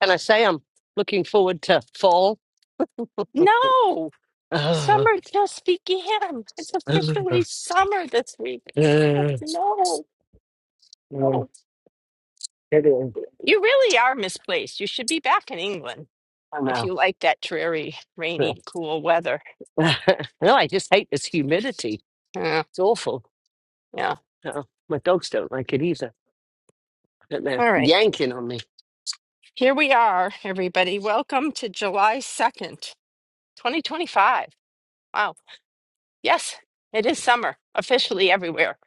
Can I say I'm looking forward to fall? No, Ugh. summer just began. It's Ugh. officially summer this week. Oh, Ugh. no, Ugh. no. It is. You really are misplaced. You should be back in England I if know. you like that dreary, Ugh. rainy, cool weather. no, I just hate this humidity. Yeah, It's awful. yeah. Uh, my dogs don't like it either. But they're All right. yanking on me. Here we are, everybody. Welcome to July 2nd, 2025. Wow. Yes, it is summer officially everywhere,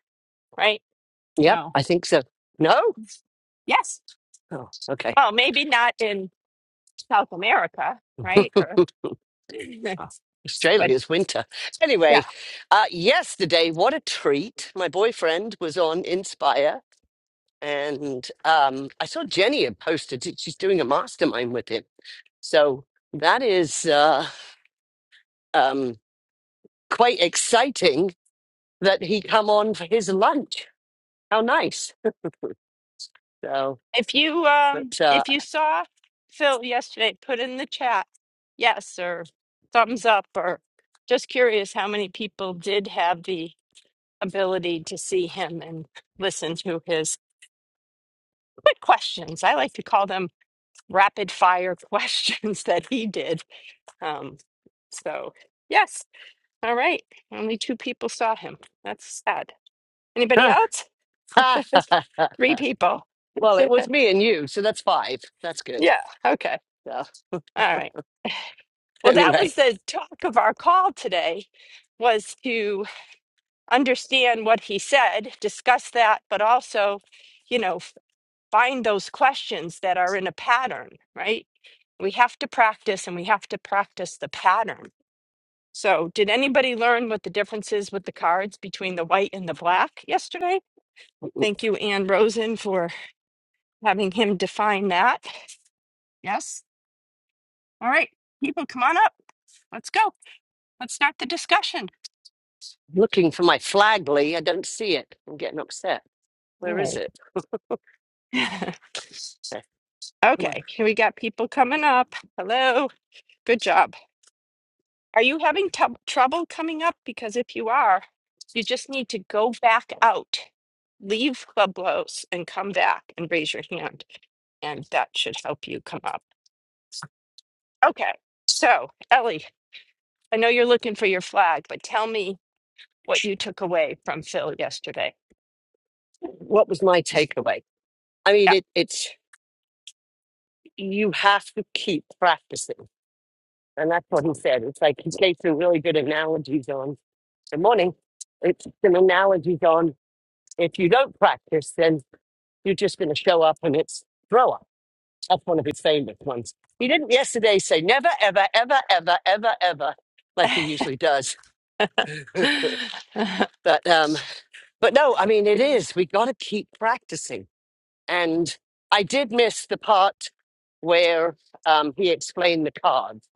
right? Yep, So, I think so. No? yes. Oh, okay. Well, maybe not in South America, right? Or- Oh, but Australia's winter. yeah. Anyway, uh, yesterday, what a treat. My boyfriend was on Inspire, and um, I saw Jenny had posted that she's doing a mastermind with him. So that is uh, um, quite exciting that he come on for his lunch. How nice. So, If you um but uh, if you saw Phil yesterday, put in the chat yes or thumbs up or just curious how many people did have the ability to see him and listen to his quick questions. I like to call them rapid fire questions that he did. Um so yes. All right. Only two people saw him. That's sad. Anybody else? Three people. well, it was me and you, so that's five. That's good. Yeah. Okay. So All right. Well, that was anyway, the talk of our call today was to understand what he said, discuss that, but also, you know, find those questions that are in a pattern, right? We have to practice and we have to practice the pattern. So, did anybody learn what the difference is with the cards between the white and the black yesterday? Thank you, Ann Rosen, for having him define that. Yes. All right. People, come on up. Let's go. Let's start the discussion. looking for my flag, Lee. I don't see it. I'm getting upset. Where is All it? right. Okay, Come on. Okay, here we got people coming up. Hello, good job. Are you having tou- trouble coming up? Because if you are, you just need to go back out, leave Clubhouse, and come back and raise your hand, and that should help you come up. Okay, so Ellie, I know you're looking for your flag, but tell me what you took away from Phil yesterday. What was my takeaway? I mean, it, it's you have to keep practicing And that's what he said. It's like he gave some really good analogies on the morning. It's some analogies on if you don't practice, then you're just going to show up and it's throw up. That's one of his famous ones. He didn't yesterday say never, ever, ever, ever, ever, ever, like he usually does. Yeah. but um, but no, I mean it is. We got to keep practicing. And I did miss the part where um, he explained the cards.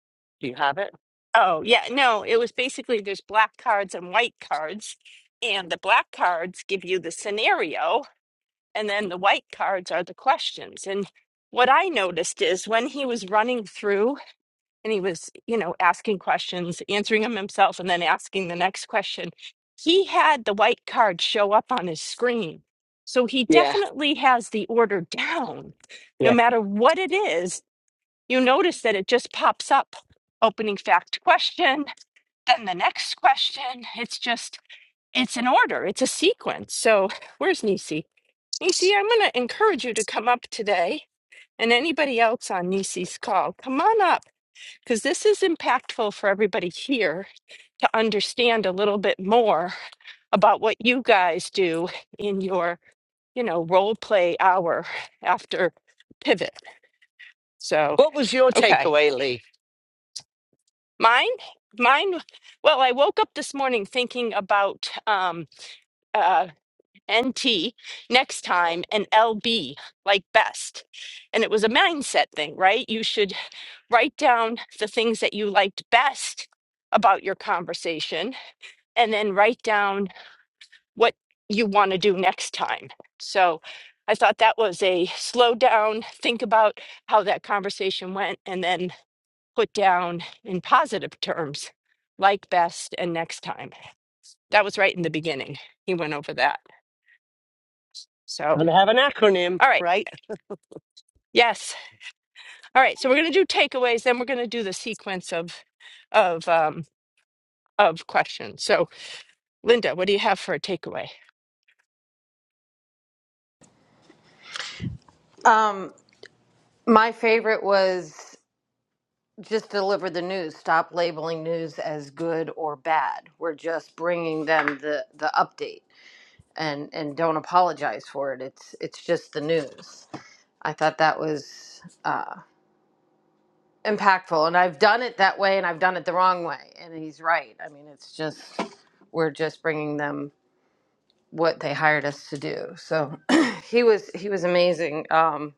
Do you have it? Oh, yeah. No, it was basically there's black cards and white cards, and the black cards give you the scenario, and then the white cards are the questions. And what I noticed is when he was running through and he was, you know, asking questions, answering them himself, and then asking the next question, he had the white card show up on his screen. So he Yeah, definitely has the order down. No yeah. matter what it is, you notice that it just pops up opening fact question then the next question, it's just, it's an order, it's a sequence. So where's Nisi? Nisi, I'm going to encourage you to come up today and anybody else on Nisi's call, come on up because this is impactful for everybody here to understand a little bit more about what you guys do in your, you know, role play hour after pivot. So, What was your okay. takeaway, Lee? Mine, mine, well, I woke up this morning thinking about, um, uh, NT next time and LB like best. And it was a mindset thing, right? You should write down the things that you liked best about your conversation and then write down what you want to do next time. So I thought that was a slow down, think about how that conversation went, and then put down in positive terms like best and next time. That was right in the beginning. He went over that. So, Gotta have an acronym, all right. right? Yes. All right, so we're going to do takeaways, then we're going to do the sequence of of um of questions. So, Linda, what do you have for a takeaway? Um, my favorite was just deliver the news. Stop labeling news as good or bad. We're just bringing them the the update, and and don't apologize for it. It's it's just the news. I thought that was uh, impactful, and I've done it that way, and I've done it the wrong way. And he's right. I mean, it's just we're just bringing them what they hired us to do. So he was he was amazing. Um,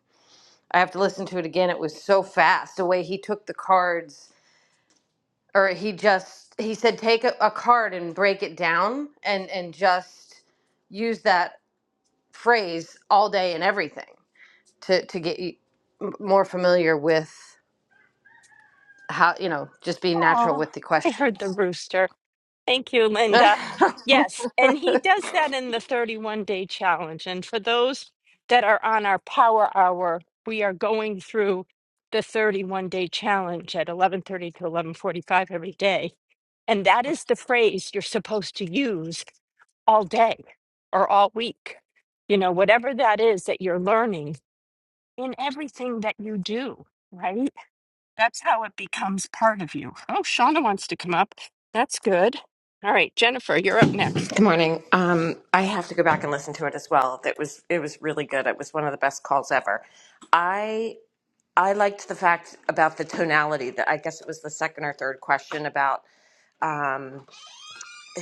I have to listen to it again. It was so fast. The way he took the cards, or he just he said, take a, a card and break it down, and and just use that phrase all day and everything to to get you m- more familiar with how you know just being natural Oh, with the I heard questions. the rooster. Thank you, but Linda. Yes, and he does that in the 31 day challenge. And for those that are on our power hour, we are going through the 31 day challenge at 11:30 to 11:45 every day. And that is the phrase you're supposed to use all day or all week. You know, whatever that is that you're learning in everything that you do, right? That's how it becomes part of you. Oh, Shauna wants to come up. That's good. All right, Jennifer, you're up next. Good morning. Um, I have to go back and listen to it as well. That was it was really good. It was one of the best calls ever. I I liked the fact about the tonality. That I guess it was the second or third question about um,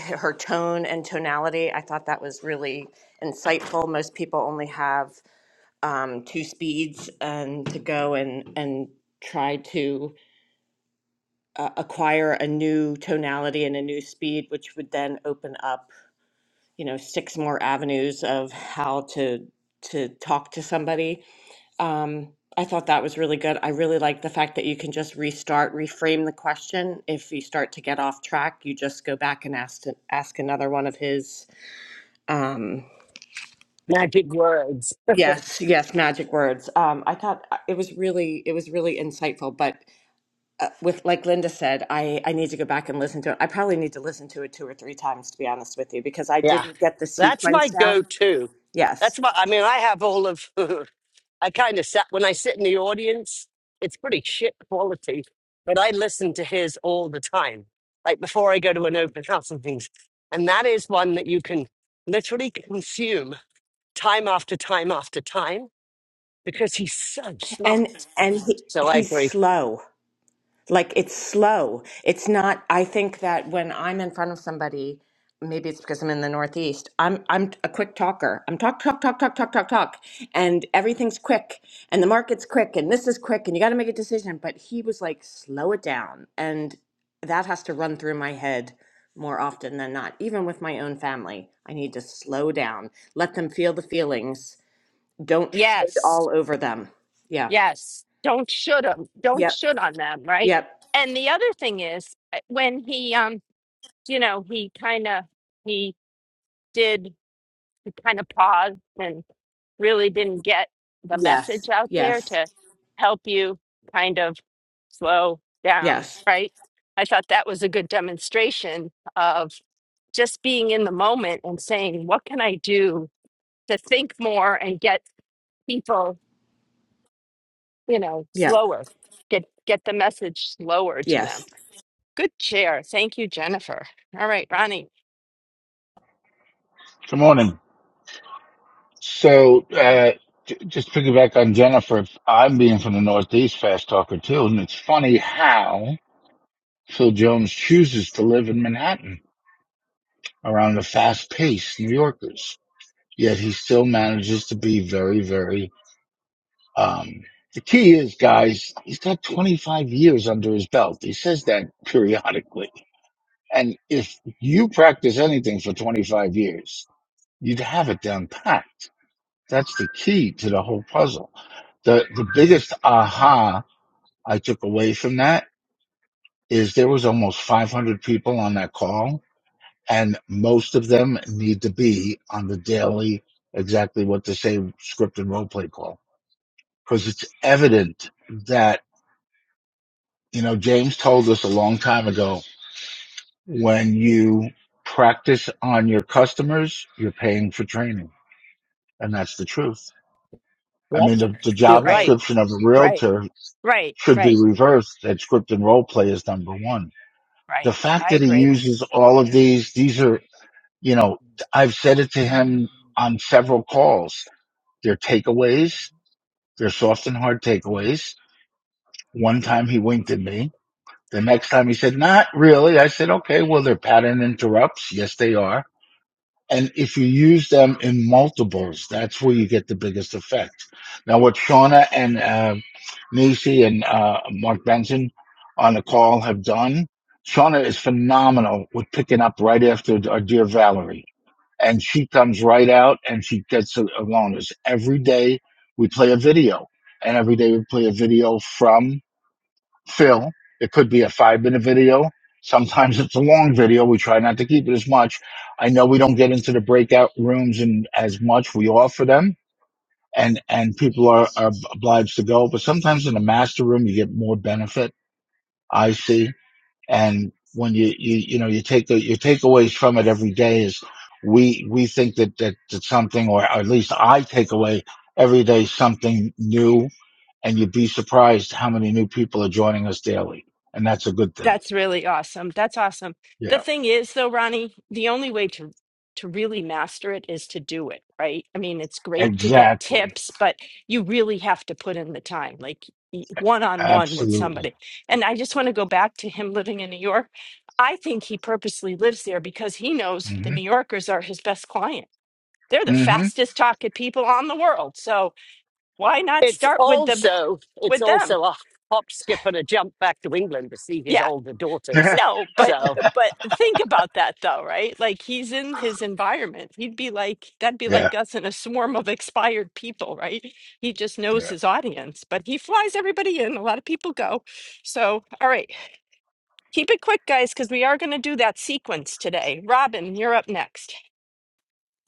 her tone and tonality. I thought that was really insightful. Most people only have um, two speeds, and to go and and try to uh, acquire a new tonality and a new speed, which would then open up you know six more avenues of how to to talk to somebody um, I thought that was really good. I really like the fact that you can just restart, reframe the question. If you start to get off track, you just go back and ask ask another one of his. Um, Magic words. yes, yes, magic words. Um, I thought uh, it was really it was really insightful. But uh, with like Linda said, I I need to go back and listen to it. I probably need to listen to it two or three times to be honest with you because I Yeah. didn't get the That's my sequence go down. to. Yes. That's my, I mean, I have all of, I kind of sat, when I sit in the audience, it's pretty shit quality, but I listen to his all the time, like before I go to an open house and things. And that is one that you can literally consume time after time after time because he's so And smart. and he So I he's agree. slow. Like it's slow. It's not I think that when I'm in front of somebody, maybe it's because I'm in the Northeast, I'm I'm a quick talker. I'm talk talk talk talk talk talk talk and everything's quick and the market's quick and this is quick and you got to make a decision, but he was like slow it down and that has to run through my head more often than not. Even with my own family, I need to slow down. Let them feel the feelings. Don't should Yes, all over them. Yeah. yes. Don't should them. Don't should on them, right? Yep. And the other thing is uh, when he, um, you know, he kind of he did kind of paused and really didn't get the Yes. message out there Yes. to help you kind of slow down, Yes. right? I thought that was a good demonstration of just being in the moment and saying, what can I do to think more and get people, you know, Yep. slower, get get the message slower to them. Yes. Good chair. Thank you, Jennifer. All right, Ronnie. Good morning. So, uh, j- just to piggyback on Jennifer, I'm being from the Northeast, fast talker too, and it's funny how Phil Jones chooses to live in Manhattan around the fast paced New Yorkers, yet he still manages to be very, very, um, the key is, guys, he's got 25 years under his belt. He says that periodically. And if you practice anything for 25 years, you'd have it down pat That's the key to the whole puzzle. The, the biggest aha I took away from that is there was almost 500 people on that call and most of them need to be on the daily, exactly what to say script and role play call. Cause it's evident that, you know, James told us a long time ago, when you practice on your customers, you're paying for training. And that's the truth. I Yep. mean, the, the You're job right. Right, description of a right, realtor right, should right, be reversed that script and role play is number one. The right. fact I that he agree. uses all of these, these are, you know, I've said it to him on several calls. They're takeaways. They're soft and hard takeaways. One time he winked at me. The next time he said, not really. I said, okay, well, they're pattern interrupts. Yes, they are. And if you use them in multiples, that's where you get the biggest effect. Now, what Shauna and uh, Nisi and uh, Mark Benson on the call have done, Shauna is phenomenal with picking up right after our dear Valerie. And she comes right out and she gets a a bonus. Every day we play a video, and every day we play a video from Phil. It could be a five minute video. Sometimes it's a long video. We try not to keep it as much. I know we don't get into the breakout rooms and as much. We offer them and, and people are, are obliged to go. But sometimes in a master room, you get more benefit. I see. And when you, you, you know, you take the, your takeaways from it every day is we, we think that, that, that something, or at least I take away every day something new and you'd be surprised how many new people are joining us daily. And that's a good thing. That's really awesome. That's awesome. The Yeah, thing is, though, Ronnie, the only way to to really master it is to do it, right? I mean, it's great to get exactly. tips, but you really have to put in the time, like one on one with Absolutely. somebody. And I just want to go back to him living in New York. I think he purposely lives there because he knows the hmm New Yorkers are his best client. They're the hmm fastest talking people on the world. So why not It's start with the also it's with them? also a hop, skip, and a jump back to England to see his Yeah. older daughters. yeah, No, but So but think about that though, right? Like he's in his environment. He'd be like that'd be yeah. like us in a swarm of expired people, right? He just knows his audience, but he flies everybody in. A lot of people go. So, all right. Keep it quick, guys, because we are going to do that sequence today. Robin, you're up next.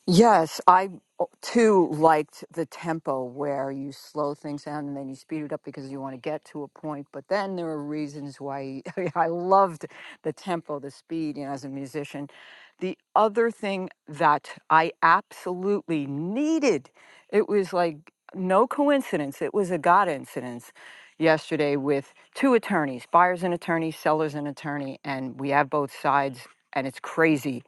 Yes, I oh, too liked the tempo where you slow things down and then you speed it up because you want to get to a point. But then there are reasons why I loved the tempo, the speed, you know, as a musician. The other thing that I absolutely needed, it was like no coincidence, it was a God incidence yesterday with two attorneys, buyer's an attorney, seller's an attorney, and we have both sides, and it's crazy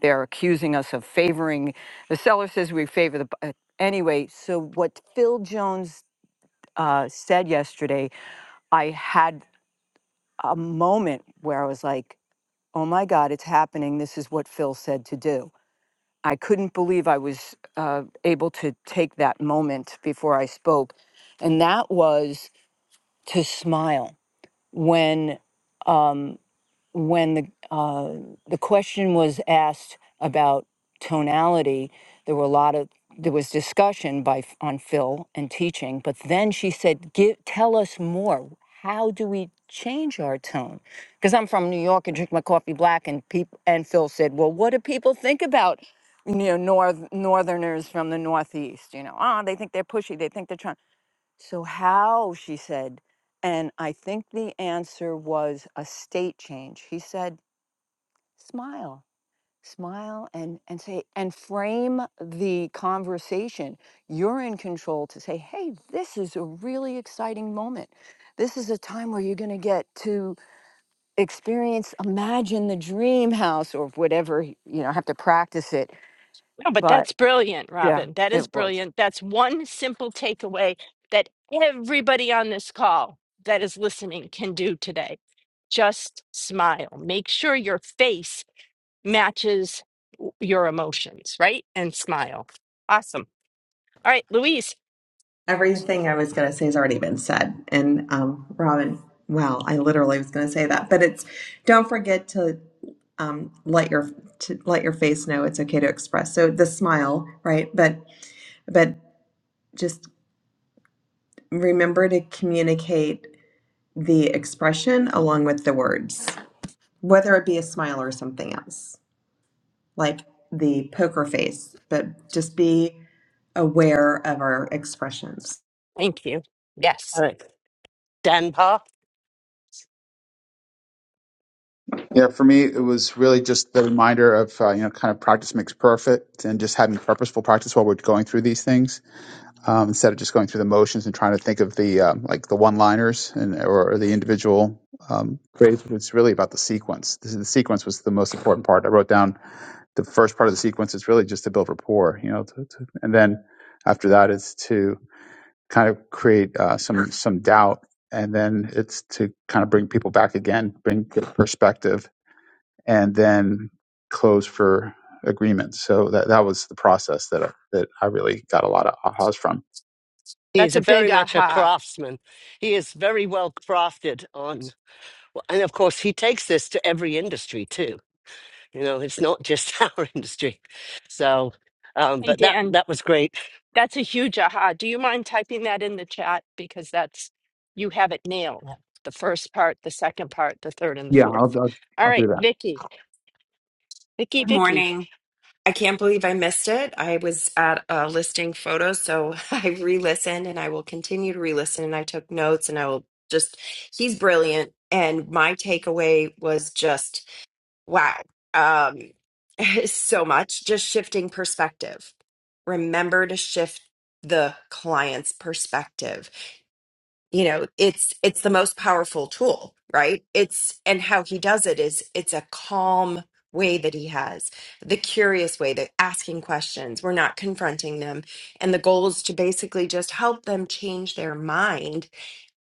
they're accusing us of favoring, the seller says we favor the, bu- uh, anyway, so what Phil Jones uh, said yesterday, I had a moment where I was like, oh my God, it's happening. This is what Phil said to do. I couldn't believe I was uh, able to take that moment before I spoke. And that was to smile when um, when the uh, the question was asked about tonality, there were a lot of there was discussion by F- on Phil and teaching, but then she said, "Give tell us more. How do we change our tone?" Because I'm from New York and drink my coffee black, and people and Phil said, "Well, what do people think about?" You know, north northerners from the northeast. You know, ah, they think they're pushy. They think they're trying. So, how, she said. And I think the answer was a state change. He said, smile, smile, and, and say, and frame the conversation. You're in control to say, hey, this is a really exciting moment. This is a time where you're going to get to experience, imagine the dream house or whatever, you know, I have to practice it. No, but But that's brilliant, yeah, Robin. That is it was. brilliant. That's one simple takeaway that everybody on this call that is listening can do today. Just smile. Make sure your face matches w- your emotions, right? And smile. Awesome. All right, Louise, Everything I was going to say has already been said. And um, Robin, wow, I literally was going to say that, but it's don't forget to um, let your to let your face know it's okay to express. So the smile, right? But but just remember to communicate the expression along with the words, whether it be a smile or something else, like the poker face. But just be aware of our expressions. thank you. Yes, uh, Danpa, Yeah, for me, it was really just the reminder of, uh, you know, kind of practice makes perfect and just having purposeful practice while we're going through these things um, instead of just going through the motions and trying to think of the, um, like the one liners and or, or the individual um, phrases. It's really about the sequence. This is, the sequence was the most important part. I wrote down the first part of the sequence is really just to build rapport, you know, to, to, and then after that is to kind of create uh, some, some doubt. And then it's to kind of bring people back again, bring perspective and then close for agreement. So that that was the process that I, that I really got a lot of ahas from. he is that's a a very big much a aha. craftsman. He is very well crafted on, well, and of course he takes this to every industry too. You know, it's not just our industry. So, um, Hey, but that Dan. that was great. That's a huge aha. Do you mind typing that in the chat? Because that's, you have it nailed. Yeah. The first part, the second part, the third, and the Yeah, I'll, fourth. I'll, All I'll do right, that. Vicky, Vicky, Good Vicky, morning. I can't believe I missed it. I was at a listing photo, so I re-listened and I will continue to re-listen and I took notes and I will just he's brilliant and my takeaway was just wow. Um so much just shifting perspective. Remember to shift the client's perspective you know it's it's the most powerful tool right it's and how he does it is it's a calm way that he has the curious way that asking questions we're not confronting them and the goal is to basically just help them change their mind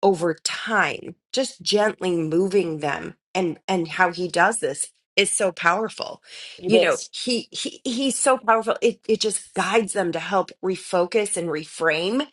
over time just gently moving them and and how he does this is so powerful it you know is. he he he's so powerful it it just guides them to help refocus and reframe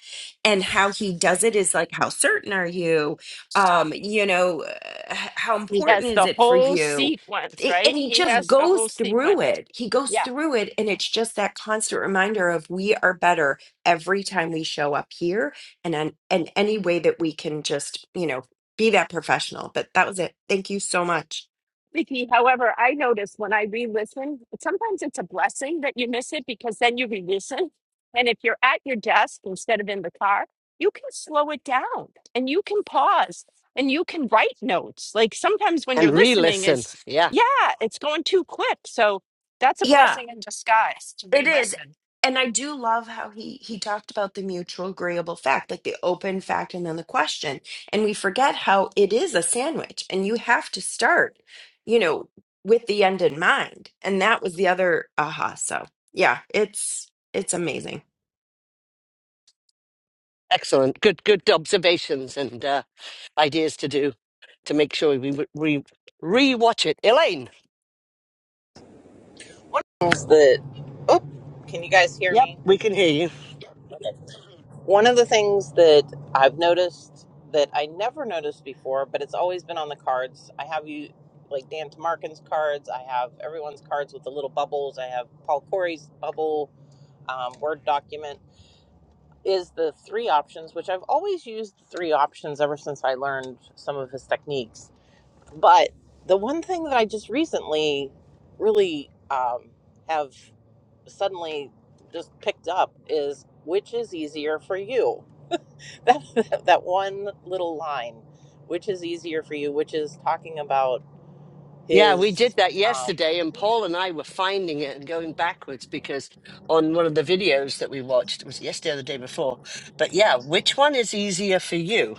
and how he does it is like how certain are you um you know uh, h- how He has important is the it for whole you sequence, It- and right? he He just has the goes whole through sequence. it he goes Yeah. through it and it's just that constant reminder of we are better every time we show up here and an- and any way that we can just you know be that professional but that was it thank you so much Vicky, however, I notice when I re-listen, sometimes it's a blessing that you miss it because then you re-listen. And if you're at your desk instead of in the car, you can slow it down and you can pause and you can write notes. Like sometimes when And you're listening, re-listen, it's yeah, yeah, it's going too quick. So that's a yeah blessing in disguise to it is re-listen. and i do love how he he talked about the mutual agreeable fact like the open fact and then the question and we forget how it is a sandwich and you have to start you know with the end in mind and that was the other aha so yeah it's it's amazing excellent, good good observations and uh, ideas to do to make sure we re re- re-watch it. Elaine. things that can you guys hear Yep, me? we can hear you. One of the things that I've noticed that I never noticed before, but it's always been on the cards. I have you like Dan Tamarkin's cards. I have everyone's cards with the little bubbles. I have Paul Corey's bubble um, word document. Is the three options, which I've always used three options ever since I learned some of his techniques. But the one thing that I just recently really um, have suddenly just picked up is which is easier for you that that one little line which is easier for you which is talking about Yeah, we did his that um yesterday, and Paul and I were finding it and going backwards because on one of the videos that we watched, it was yesterday or the day before. But yeah, which one is easier for you?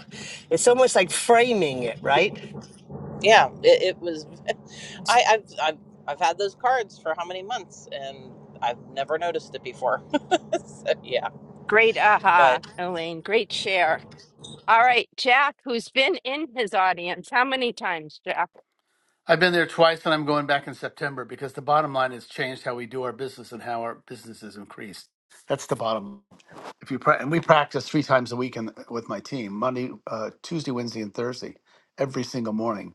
It's almost like framing it, right? yeah it, it was I, I've, I've i've had those cards for how many months and i've never noticed it before so yeah Great but aha, Elaine. Great share. All right, Jack, who's been in his audience, how many times, Jack? I've been there twice and I'm going back in September because the bottom line has changed how we do our business and how our business is increased. That's the bottom. If you pra- and we practice three times a week in, with my team, Monday, uh, Tuesday, Wednesday, and Thursday, every single morning.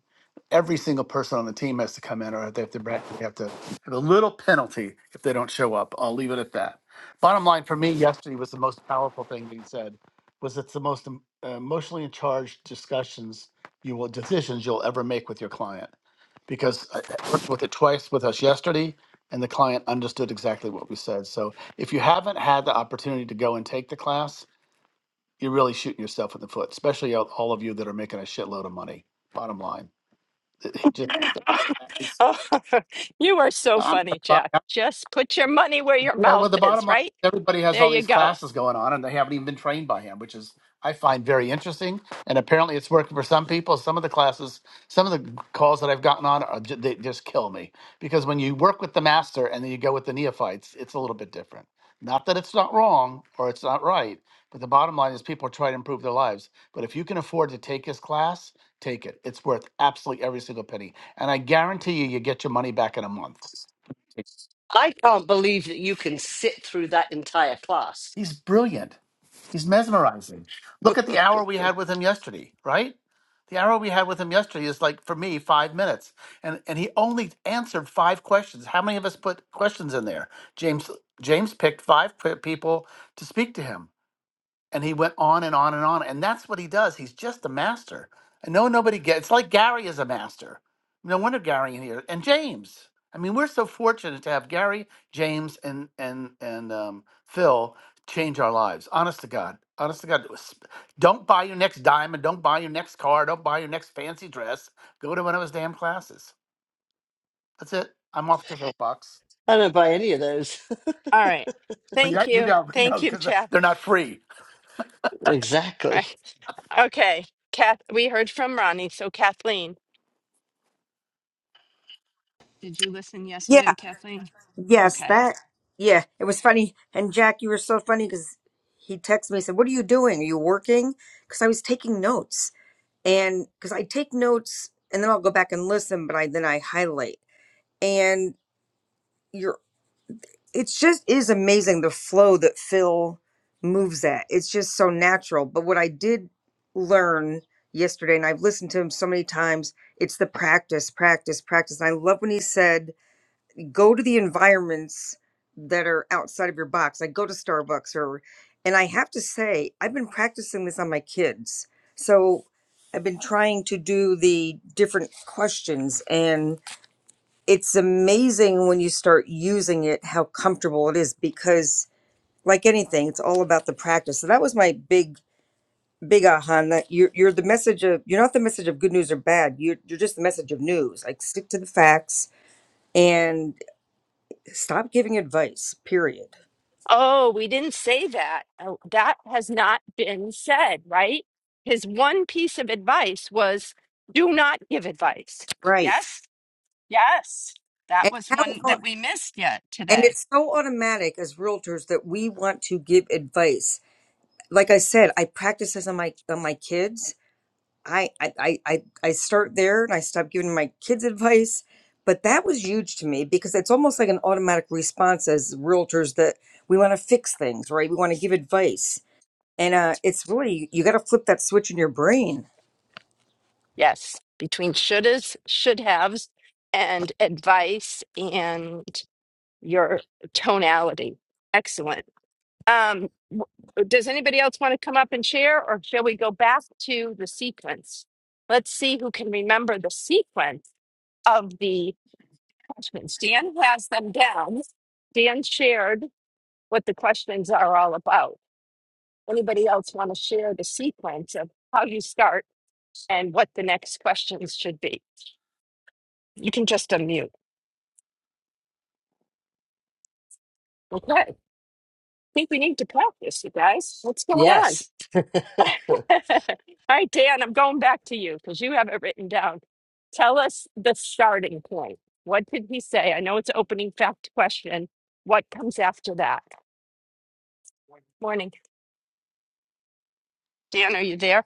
Every single person on the team has to come in, or they have to bra- they have to have a little penalty if they don't show up. I'll leave it at that. Bottom line for me, yesterday was the most powerful thing being said. Was it's the most em- emotionally charged discussions you will decisions you'll ever make with your client, because I I worked with it twice with us yesterday, and the client understood exactly what we said. So if you haven't had the opportunity to go and take the class, you're really shooting yourself in the foot, especially all all of you that are making a shitload of money. Bottom line, It- just- Oh, you are so I'm, funny, Jack. Just put your money where your Yeah, mouth well, the bottom is, line, right? is everybody has There all you these go. classes going on, and they haven't even been trained by him, which is I find very interesting. And apparently, it's working for some people. Some of the classes, some of the calls that I've gotten on, are, ju- they just kill me because when you work with the master and then you go with the neophytes, it's a little bit different. Not that it's not wrong or it's not right, but the bottom line is people try to improve their lives. But if you can afford to take his class, take it. It's worth absolutely every single penny, and I guarantee you, you get your money back in a month. I can't believe that you can sit through that entire class. He's brilliant. He's mesmerizing. Look at the hour we had with him yesterday, right? The hour we had with him yesterday is like for me five minutes, and and he only answered five questions. How many of us put questions in there? James James picked five p- people to speak to him and he went on and on and on and that's what he does he's just a master i know nobody gets it's like gary is a master no wonder gary in here and james i mean we're so fortunate to have gary james and and and um, phil change our lives honest to god honest to god it was- don't buy your next diamond don't buy your next car don't buy your next fancy dress go to one of his damn classes that's it i'm off the soapbox I don't buy any of those. All right. but yeah Thank you you. don't know Thank you, because Jack. they're not free All Exactly. Right. Okay. Kath, we heard from Ronnie. So, Kathleen, did you listen yesterday, Yeah, Kathleen? yes, Okay. that. Yeah, it was funny. And Jack, you were so funny because he texted me, he said, What are you doing? Are you working? Because I was taking notes. And because I take notes and then I'll go back and listen, but I then I highlight. And you're, it's just is amazing the flow that Phil moves at. It's just so natural. But what I did learn yesterday, and I've listened to him so many times, it's the practice, practice, practice. And I love when he said, go to the environments that are outside of your box. I go to Starbucks or and I have to say I've been practicing this on my kids. So I've been trying to do the different questions and it's amazing when you start using it how comfortable it is because like anything it's all about the practice. So that was my big big aha and that you're, you're the message of you're not the message of good news or bad you're, you're just the message of news like stick to the facts and. Stop giving advice, period. Oh, we didn't say that. Oh, that has not been said, right? His one piece of advice was do not give advice. Right. Yes. Yes. That And was how one that we missed yet and today. it's so automatic as realtors that we want to give advice. Like I said, I practice this on my on my kids. I I I I I start there and I stop giving my kids advice. But that was huge to me because it's almost like an automatic response as realtors that we want to fix things, right? We want to give advice. And uh, it's really you got to flip that switch in your brain Yes, between shouldas, should haves, and advice and your tonality. Excellent. Um, w- does anybody else want to come up and share, or shall we go back to the sequence? Let's see who can remember the sequence of the questions. Dan has them down. Dan shared what the questions are all about. Anybody else want to share the sequence of how you start and what the next questions should be? You can just unmute. Okay. I think we need to practice, you guys. What's going on? Yes. All right, Dan, I'm going back to you because you have it written down. Tell us the starting point. What did he say? I know it's opening fact question. What comes after that? Morning. Dan, are you there?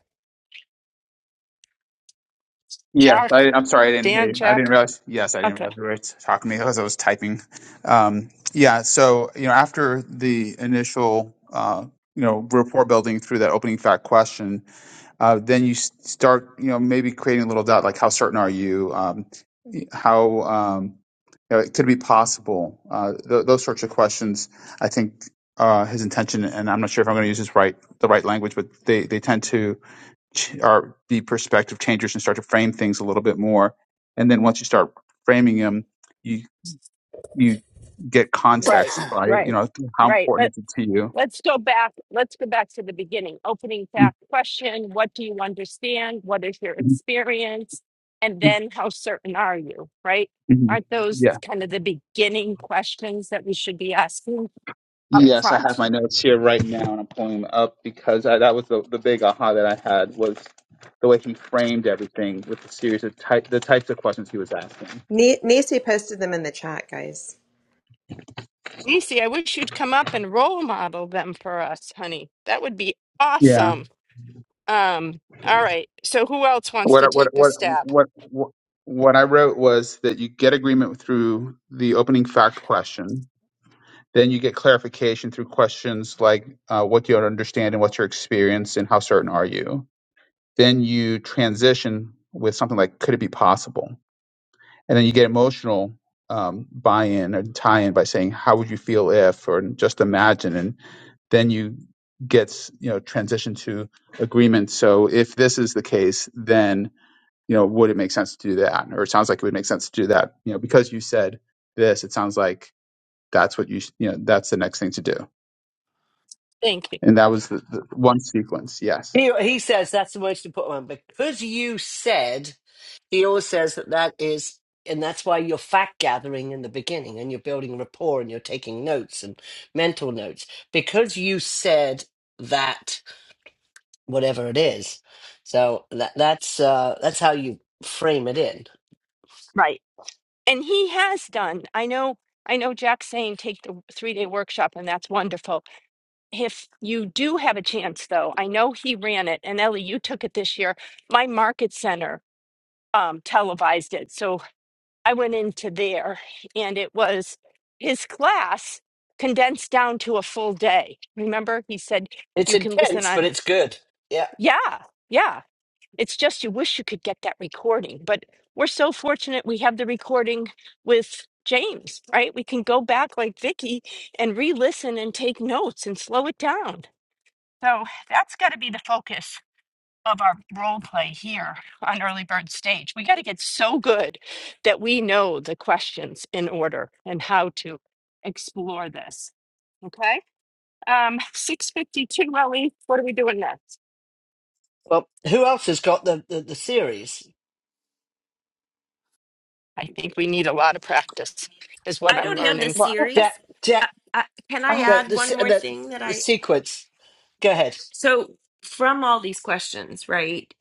Yes, Jack? I, I'm sorry, I didn't hear Dan, you. I didn't Jack? realize. Yes, I didn't Okay. realize you were talking to me because I was typing. Um, yeah, so you know, after the initial, uh, you know, rapport building through that opening fact question, uh, then you s- start, you know, maybe creating a little doubt, like how certain are you? Um, how um, you know, it could be possible. Uh, th- those sorts of questions, I think, uh, his intention, and I'm not sure if I'm going to use this right, the right language, but they they tend to ch- or be perspective changers and start to frame things a little bit more. And then once you start framing them, you you get Right, context by you right, know how right. But. important it is to you. Let's go back. Let's go back to the beginning. Opening fact question What do you understand? What is your experience? And Mhm. then how certain are you, right? Mhm. Aren't those Yeah. kind of the beginning questions that we should be asking up Yes, I have front? my notes here right now, and I'm pulling them up because I, that was the, the big aha that I had was the way he framed everything with the series of type the types of questions he was asking. Ni- Nisi posted them in the chat, guys. Lucy, I wish you'd come up and role model them for us, honey. That would be Yeah. awesome. Um, all right. So, who else wants What to I- what take a what stab? what what what I wrote was that you get agreement through the opening fact question Then you get clarification through questions like uh, what do you understand and what's your experience and how certain are you? Then you transition with something like could it be possible? And then you get emotional um, buy in or tie in by saying how would you feel if or just imagine. And then you get, you know, transition to agreement. So if this is the case, then, you know, would it make sense to do that? Or it sounds like it would make sense to do that. You know, because you said this, it sounds like that's what you, sh- you know, that's the next thing to do Thank you. and that was the, the one sequence. Yes. he, he says that's the most important one because you said. He always says that that is, and that's why you're fact gathering in the beginning and you're building rapport and you're taking notes and mental notes because you said that whatever it is. So that that's uh, that's how you frame it in. Right. And he has done. I know. I know Jack's saying take the three day workshop, and that's wonderful If you do have a chance, though, I know he ran it, and Ellie, you took it this year. My market center um, televised it. So I went into there, and it was his class condensed down to a full day. Remember, he said It's you can listen intense, on, but it's good. Yeah. yeah, yeah. It's just you wish you could get that recording, but we're so fortunate we have the recording with James, right? We can go back like Vicky and re listen and take notes and slow it down. So that's got to be the focus of our role play here on early bird stage. We got to get so good that we know the questions in order and how to explore this. Okay. Um, 652, Ellie, what are we doing next? Well, who else has got the the, the series? I think we need a lot of practice, is what i I'm don't have the learning. Well, I, Jack, series Jack, I, I, can i I no, add the one se- more the thing that the i sequence. Go ahead. So, from all these questions, right,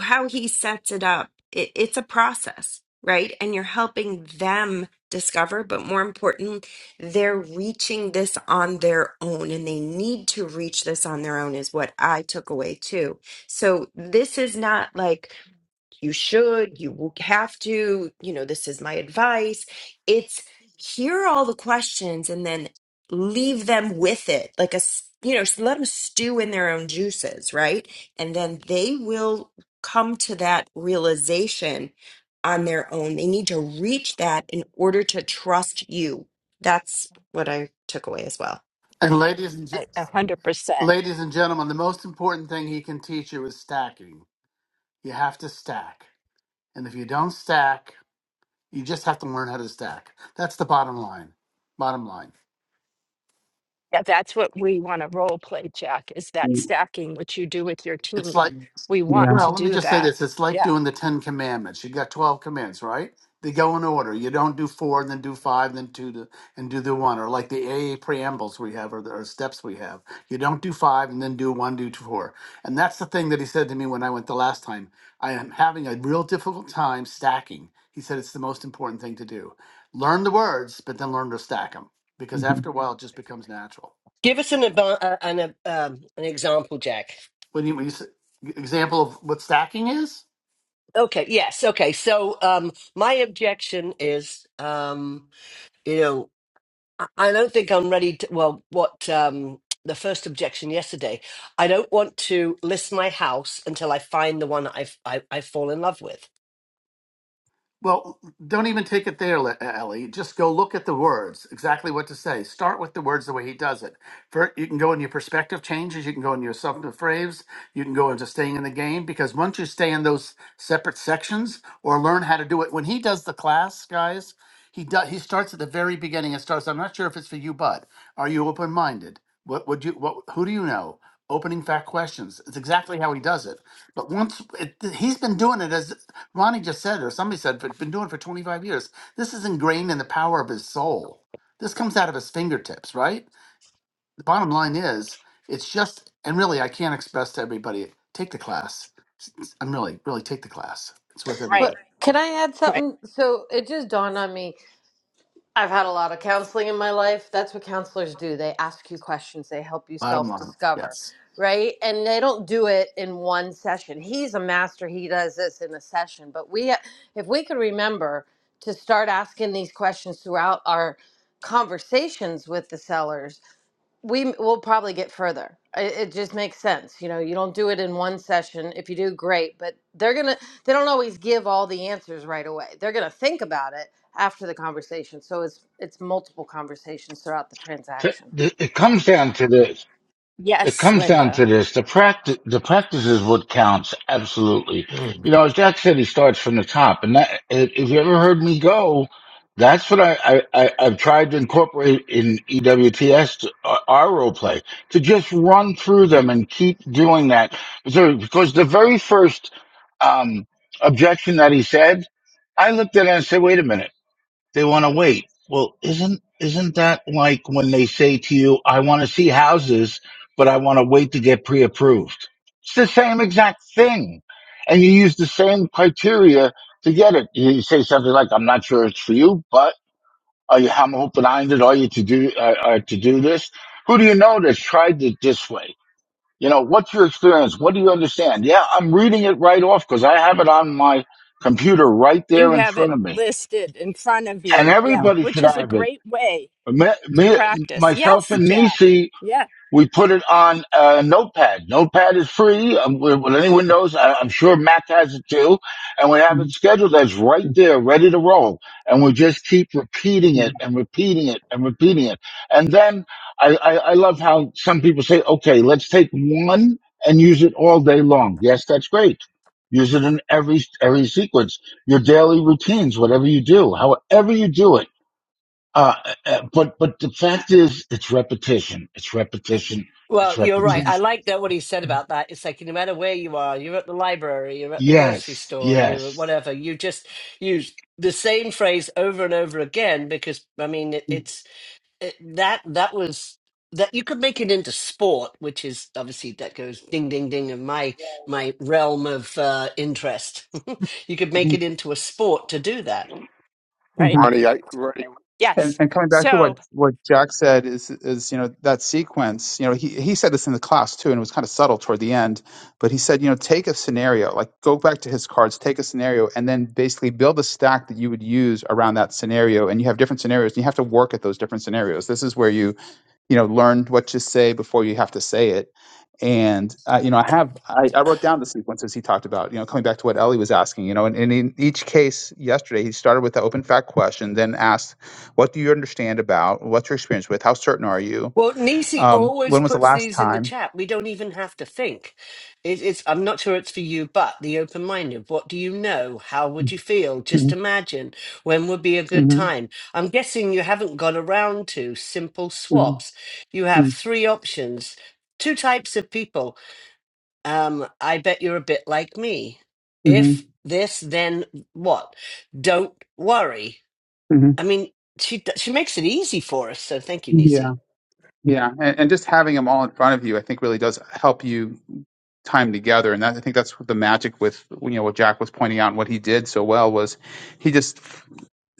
how he sets it up, it, it's a process, right? And you're helping them discover, but more important, they're reaching this on their own and they need to reach this on their own, is what I took away too. So, this is not like, you should, you will have to, you know, this is my advice. It's hear all the questions and then leave them with it, like a, s- you know, s- let them stew in their own juices, right? And then they will come to that realization on their own. They need to reach that in order to trust you. That's what I took away as well. and ladies and A gents a hundred percent. Ladies and gentlemen, the most important thing he can teach you is stacking. You have to stack. And if you don't stack, you just have to learn how to stack. That's the bottom line. Bottom line. Yeah, that's what we want to role play, Jack, is that Mm, stacking, which you do with your It's team. like We want Yeah. Well, to let me do just say that. this. It's like Yeah, doing the Ten Commandments. You got 12 commandments, right? They go in order. You don't do four, and then do five, then two, to, and do the one, or like the AA preambles we have, or the or steps we have. You don't do five, and then do one, do two, four. And that's the thing that he said to me when I went the last time. I am having a real difficult time stacking. He said it's the most important thing to do. Learn the words, but then learn to stack them, because Mhm. after a while, it just becomes natural. Give us an advan- uh, an uh, um, an example, Jack. When you, when you s- e, example of what stacking is, Okay, yes, okay. So um my objection is um you know I I don't think I'm ready to well what um the first objection yesterday. I don't want to list my house until I find the one that I've, I I fall in love with. Well, don't even take it there, Le- uh, Ellie. Just go look at the words, exactly what to say. Start with the words the way he does it. For, you can go in your perspective changes, you can go in your substantive phrase, you can go into staying in the game, because once you stay in those separate sections or learn how to do it, when he does the class, guys, he does he starts at the very beginning and starts. I'm not sure if it's for you, but are you open minded? What would you what who do you know? Opening fact questions. It's exactly how he does it. But once it, he's been doing it as Ronnie just said, or somebody said, but been doing it for 25 years. This is ingrained in the power of his soul. This comes out of his fingertips, right? The bottom line is, it's just, and really, I can't express to everybody, take the class. i s- I'm really, really take the class. It's worth everything. right, can I add right. something? So it just dawned on me. I've had a lot of counseling in my life. That's what counselors do. They ask you questions, they help you Bottom self line, discover, yes. right? And they don't do it in one session. He's a master, he does this in a session. But we, if we could remember to start asking these questions throughout our conversations with the sellers, we will probably get further. It, it just makes sense. You know, you don't do it in one session. If you do, great. But they're gonna they don't always give all the answers right away. They're gonna think about it after the conversation. So it's it's multiple conversations throughout the transaction. It comes down to this. It Yes, comes down Linda, to this: the practice, the practice is what counts. Absolutely, Hmm. you know. As Jack said, he starts from the top, and that if if you ever heard me go, that's what I, I, I I've tried to incorporate in EWTS to, uh, our role play to just run through them and keep doing that. So, because the very first um, objection that he said, I looked at it and said, "Wait a minute." They want to wait. Well, isn't isn't that like when they say to you, "I want to see houses, but I want to wait to get pre-approved"? It's the same exact thing, and you use the same criteria to get it. You say something like, "I'm not sure it's for you, but are you? I'm open-minded. Are you to do uh, uh, to do this? Who do you know that's tried it this way? You know, what's your experience? What do you understand? Yeah, I'm reading it right off because I have it on my computer right you there in have front it of me, listed in front of and you. Yeah, Yeah. everybody which should is a have it great way me, to me, practice. myself Yes, and Jack. Nisi, Yeah, we put it on uh, Notepad. Notepad is free. Um, well, well, anyone knows, I, I'm sure Mac has it too. And we have it Mhm. scheduled as right there, ready to roll. And we just keep repeating Mhm. it and repeating it and repeating it. And then I, I, I love how some people say, okay, let's take one and use it all day long. Yes, that's great. Use it in every every sequence, your daily routines, whatever you do, however you do it uh, uh, but but the fact is, it's repetition. It's repetition. It's Well, you're right. Mhm. I repetition. like that what he said about that. It's like no matter where you are, you're at the library, you're at the grocery Yes, store, you yes. whatever. You just use the same phrase over and over again because I mean it, Mhm. it, that that was that you could make it into sport, which is obviously that goes ding ding ding in my my realm of uh, interest. you could make Mhm. it into a sport to do that. right. Mhm. Ronnie, I Ronnie, And, Yes. and coming back to what, So, what Jack said is is you know that sequence you know he, he said this in the class too and it was kind of subtle toward the end but he said you know take a scenario like go back to his cards take a scenario and then basically build a stack that you would use around that scenario and you have different scenarios and you have to work at those different scenarios this is where you you know learn what to say before you have to say it and uh, you know i have I, I wrote down the sequences he talked about you know coming back to what ellie was asking you know and, and in each case yesterday he started with the open fact question then asked what do you understand about what's your experience with how certain are you Well, Nisi um, always when was the puts last these in the time chat. We don't even have to think. It, it's I'm not sure it's for you, but the open minded. What do you know? How would you feel? Just Mhm, imagine. When would be a good mhm, time? I'm guessing you haven't got around to simple mhm, swaps. You have mhm, three options two types of people Um, I bet you're a bit like me. mhm, If this, then what? Don't worry. mhm. I mean, she d- she makes it easy for us. So thank you, yeah Nisi. Yeah, and, and just having them all in front of you, I think, really does help you time together. And that, I think that's the magic with you know what Jack was pointing out and what he did so well was he just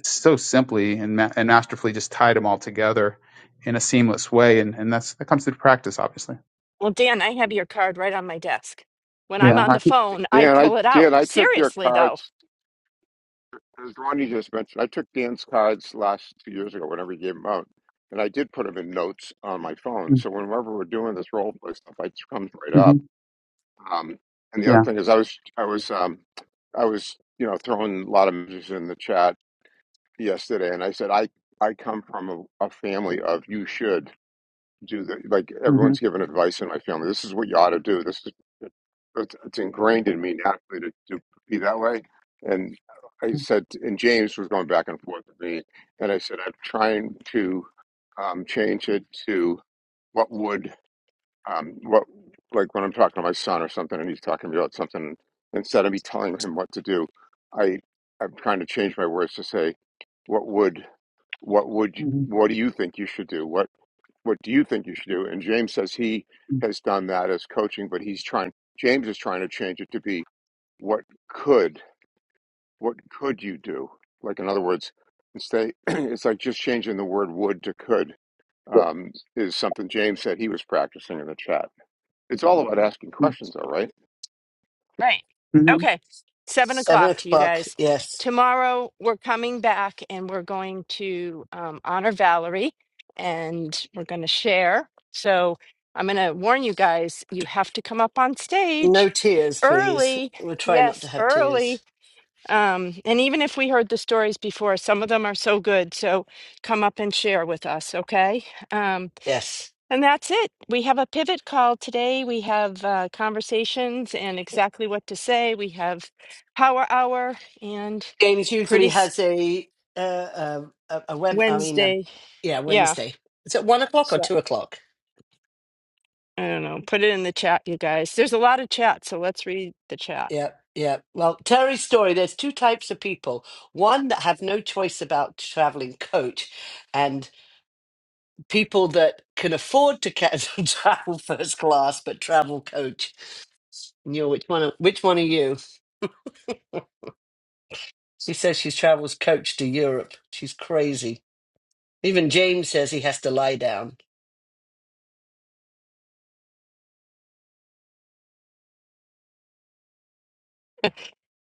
so simply and ma- and masterfully just tied them all together in a seamless way, and and that's that comes through practice, obviously. well, Dan, I have your card right on my desk. When I'm Yeah, on I the think. phone, I Dan, I pull it out. Dan, I took your Seriously, though. cards as Ronnie just mentioned. I took Dan's cards last two years ago whenever he gave them out, and I did put them in notes on my phone. So whenever we're doing this role play stuff, it just comes right hmm up. Um, and the other Yeah. thing is, I was I was um, I was you know throwing a lot of messages in the chat yesterday, and I said I I come from a, a family of you should. do that. Like hmm everyone's given advice in my family. This is what you ought to do. This is it's, it's ingrained in me naturally to, to be that way. And I said, and James was going back and forth with me, and I said, I'm trying to um, change it to what would um, what like when I'm talking to my son or something, and he's talking to me about something, instead of me telling him what to do, I I'm trying to change my words to say, what would what would you, what do you think you should do? What what do you think you should do? And James says he has done that as coaching, but he's trying, James is trying to change it to be what could, what could you do? Like, in other words, instead, it's like just changing the word would to could um, is something James said he was practicing in the chat. It's all about asking questions, though, right? Right. hmm Okay. Seven Seven o'clock, you o'clock. guys. Yes. Tomorrow we're coming back and we're going to um, honor Valerie and we're going to share. So I'm going to warn you guys, you have to come up on No stage tears, please. early. We'll try not to Yes, have tears. early. Um, and even if we heard the stories before, some of them are so good. So come up and share with us, okay? Um, Yes. and that's it. We have a pivot call today. We have uh, conversations and exactly what to say. We have power hour and James pretty usually s- has a uh, a, a a web. I mean, a, Wednesday. yeah, Yeah. Wednesday. Is it one o'clock or So two o'clock? I don't know. Put it in the chat, you guys. There's a lot of chat. So let's read the chat. Yeah, yeah. Well, Terry's story, there's two types of people. One that have no choice about traveling coach, and people that can afford to ca- travel first class but travel coach. And you're which one? Are, which one are you? She says she travels coach to Europe. She's crazy. Even James says he has to lie down.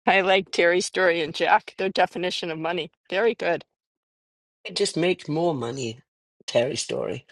I like Terry's story and Jack, their definition of money. Very good. It just make more money. Terry story.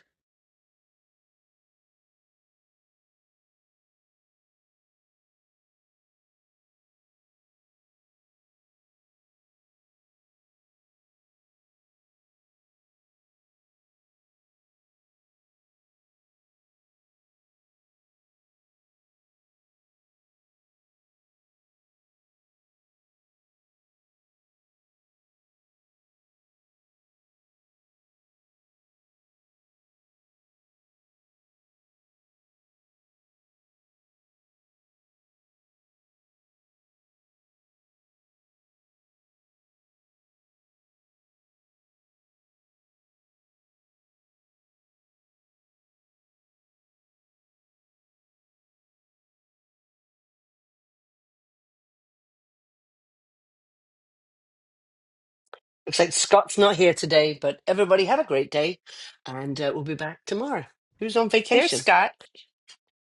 Looks like Scott's not here today, but everybody have a great day, and uh, we'll be back tomorrow. Who's on There's vacation? Scott.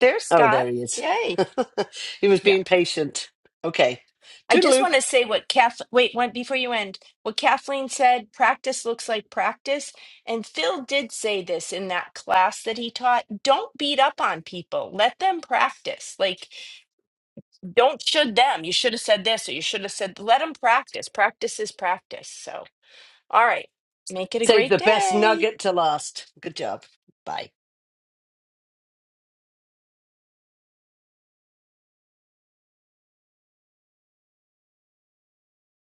There's Oh, Scott. there he is. Yay. he was Yeah. being patient. Okay. I just Toodaloo. want to say what Kath, wait, one before you end, what Kathleen said, practice looks like practice. And Phil did say this in that class that he taught. Don't beat up on people. Let them practice. Like, don't should them. You should have said this or you should have said, let them practice. Practice is practice. So, all right, make it a Save great the best day. nugget to last. Good job. Bye.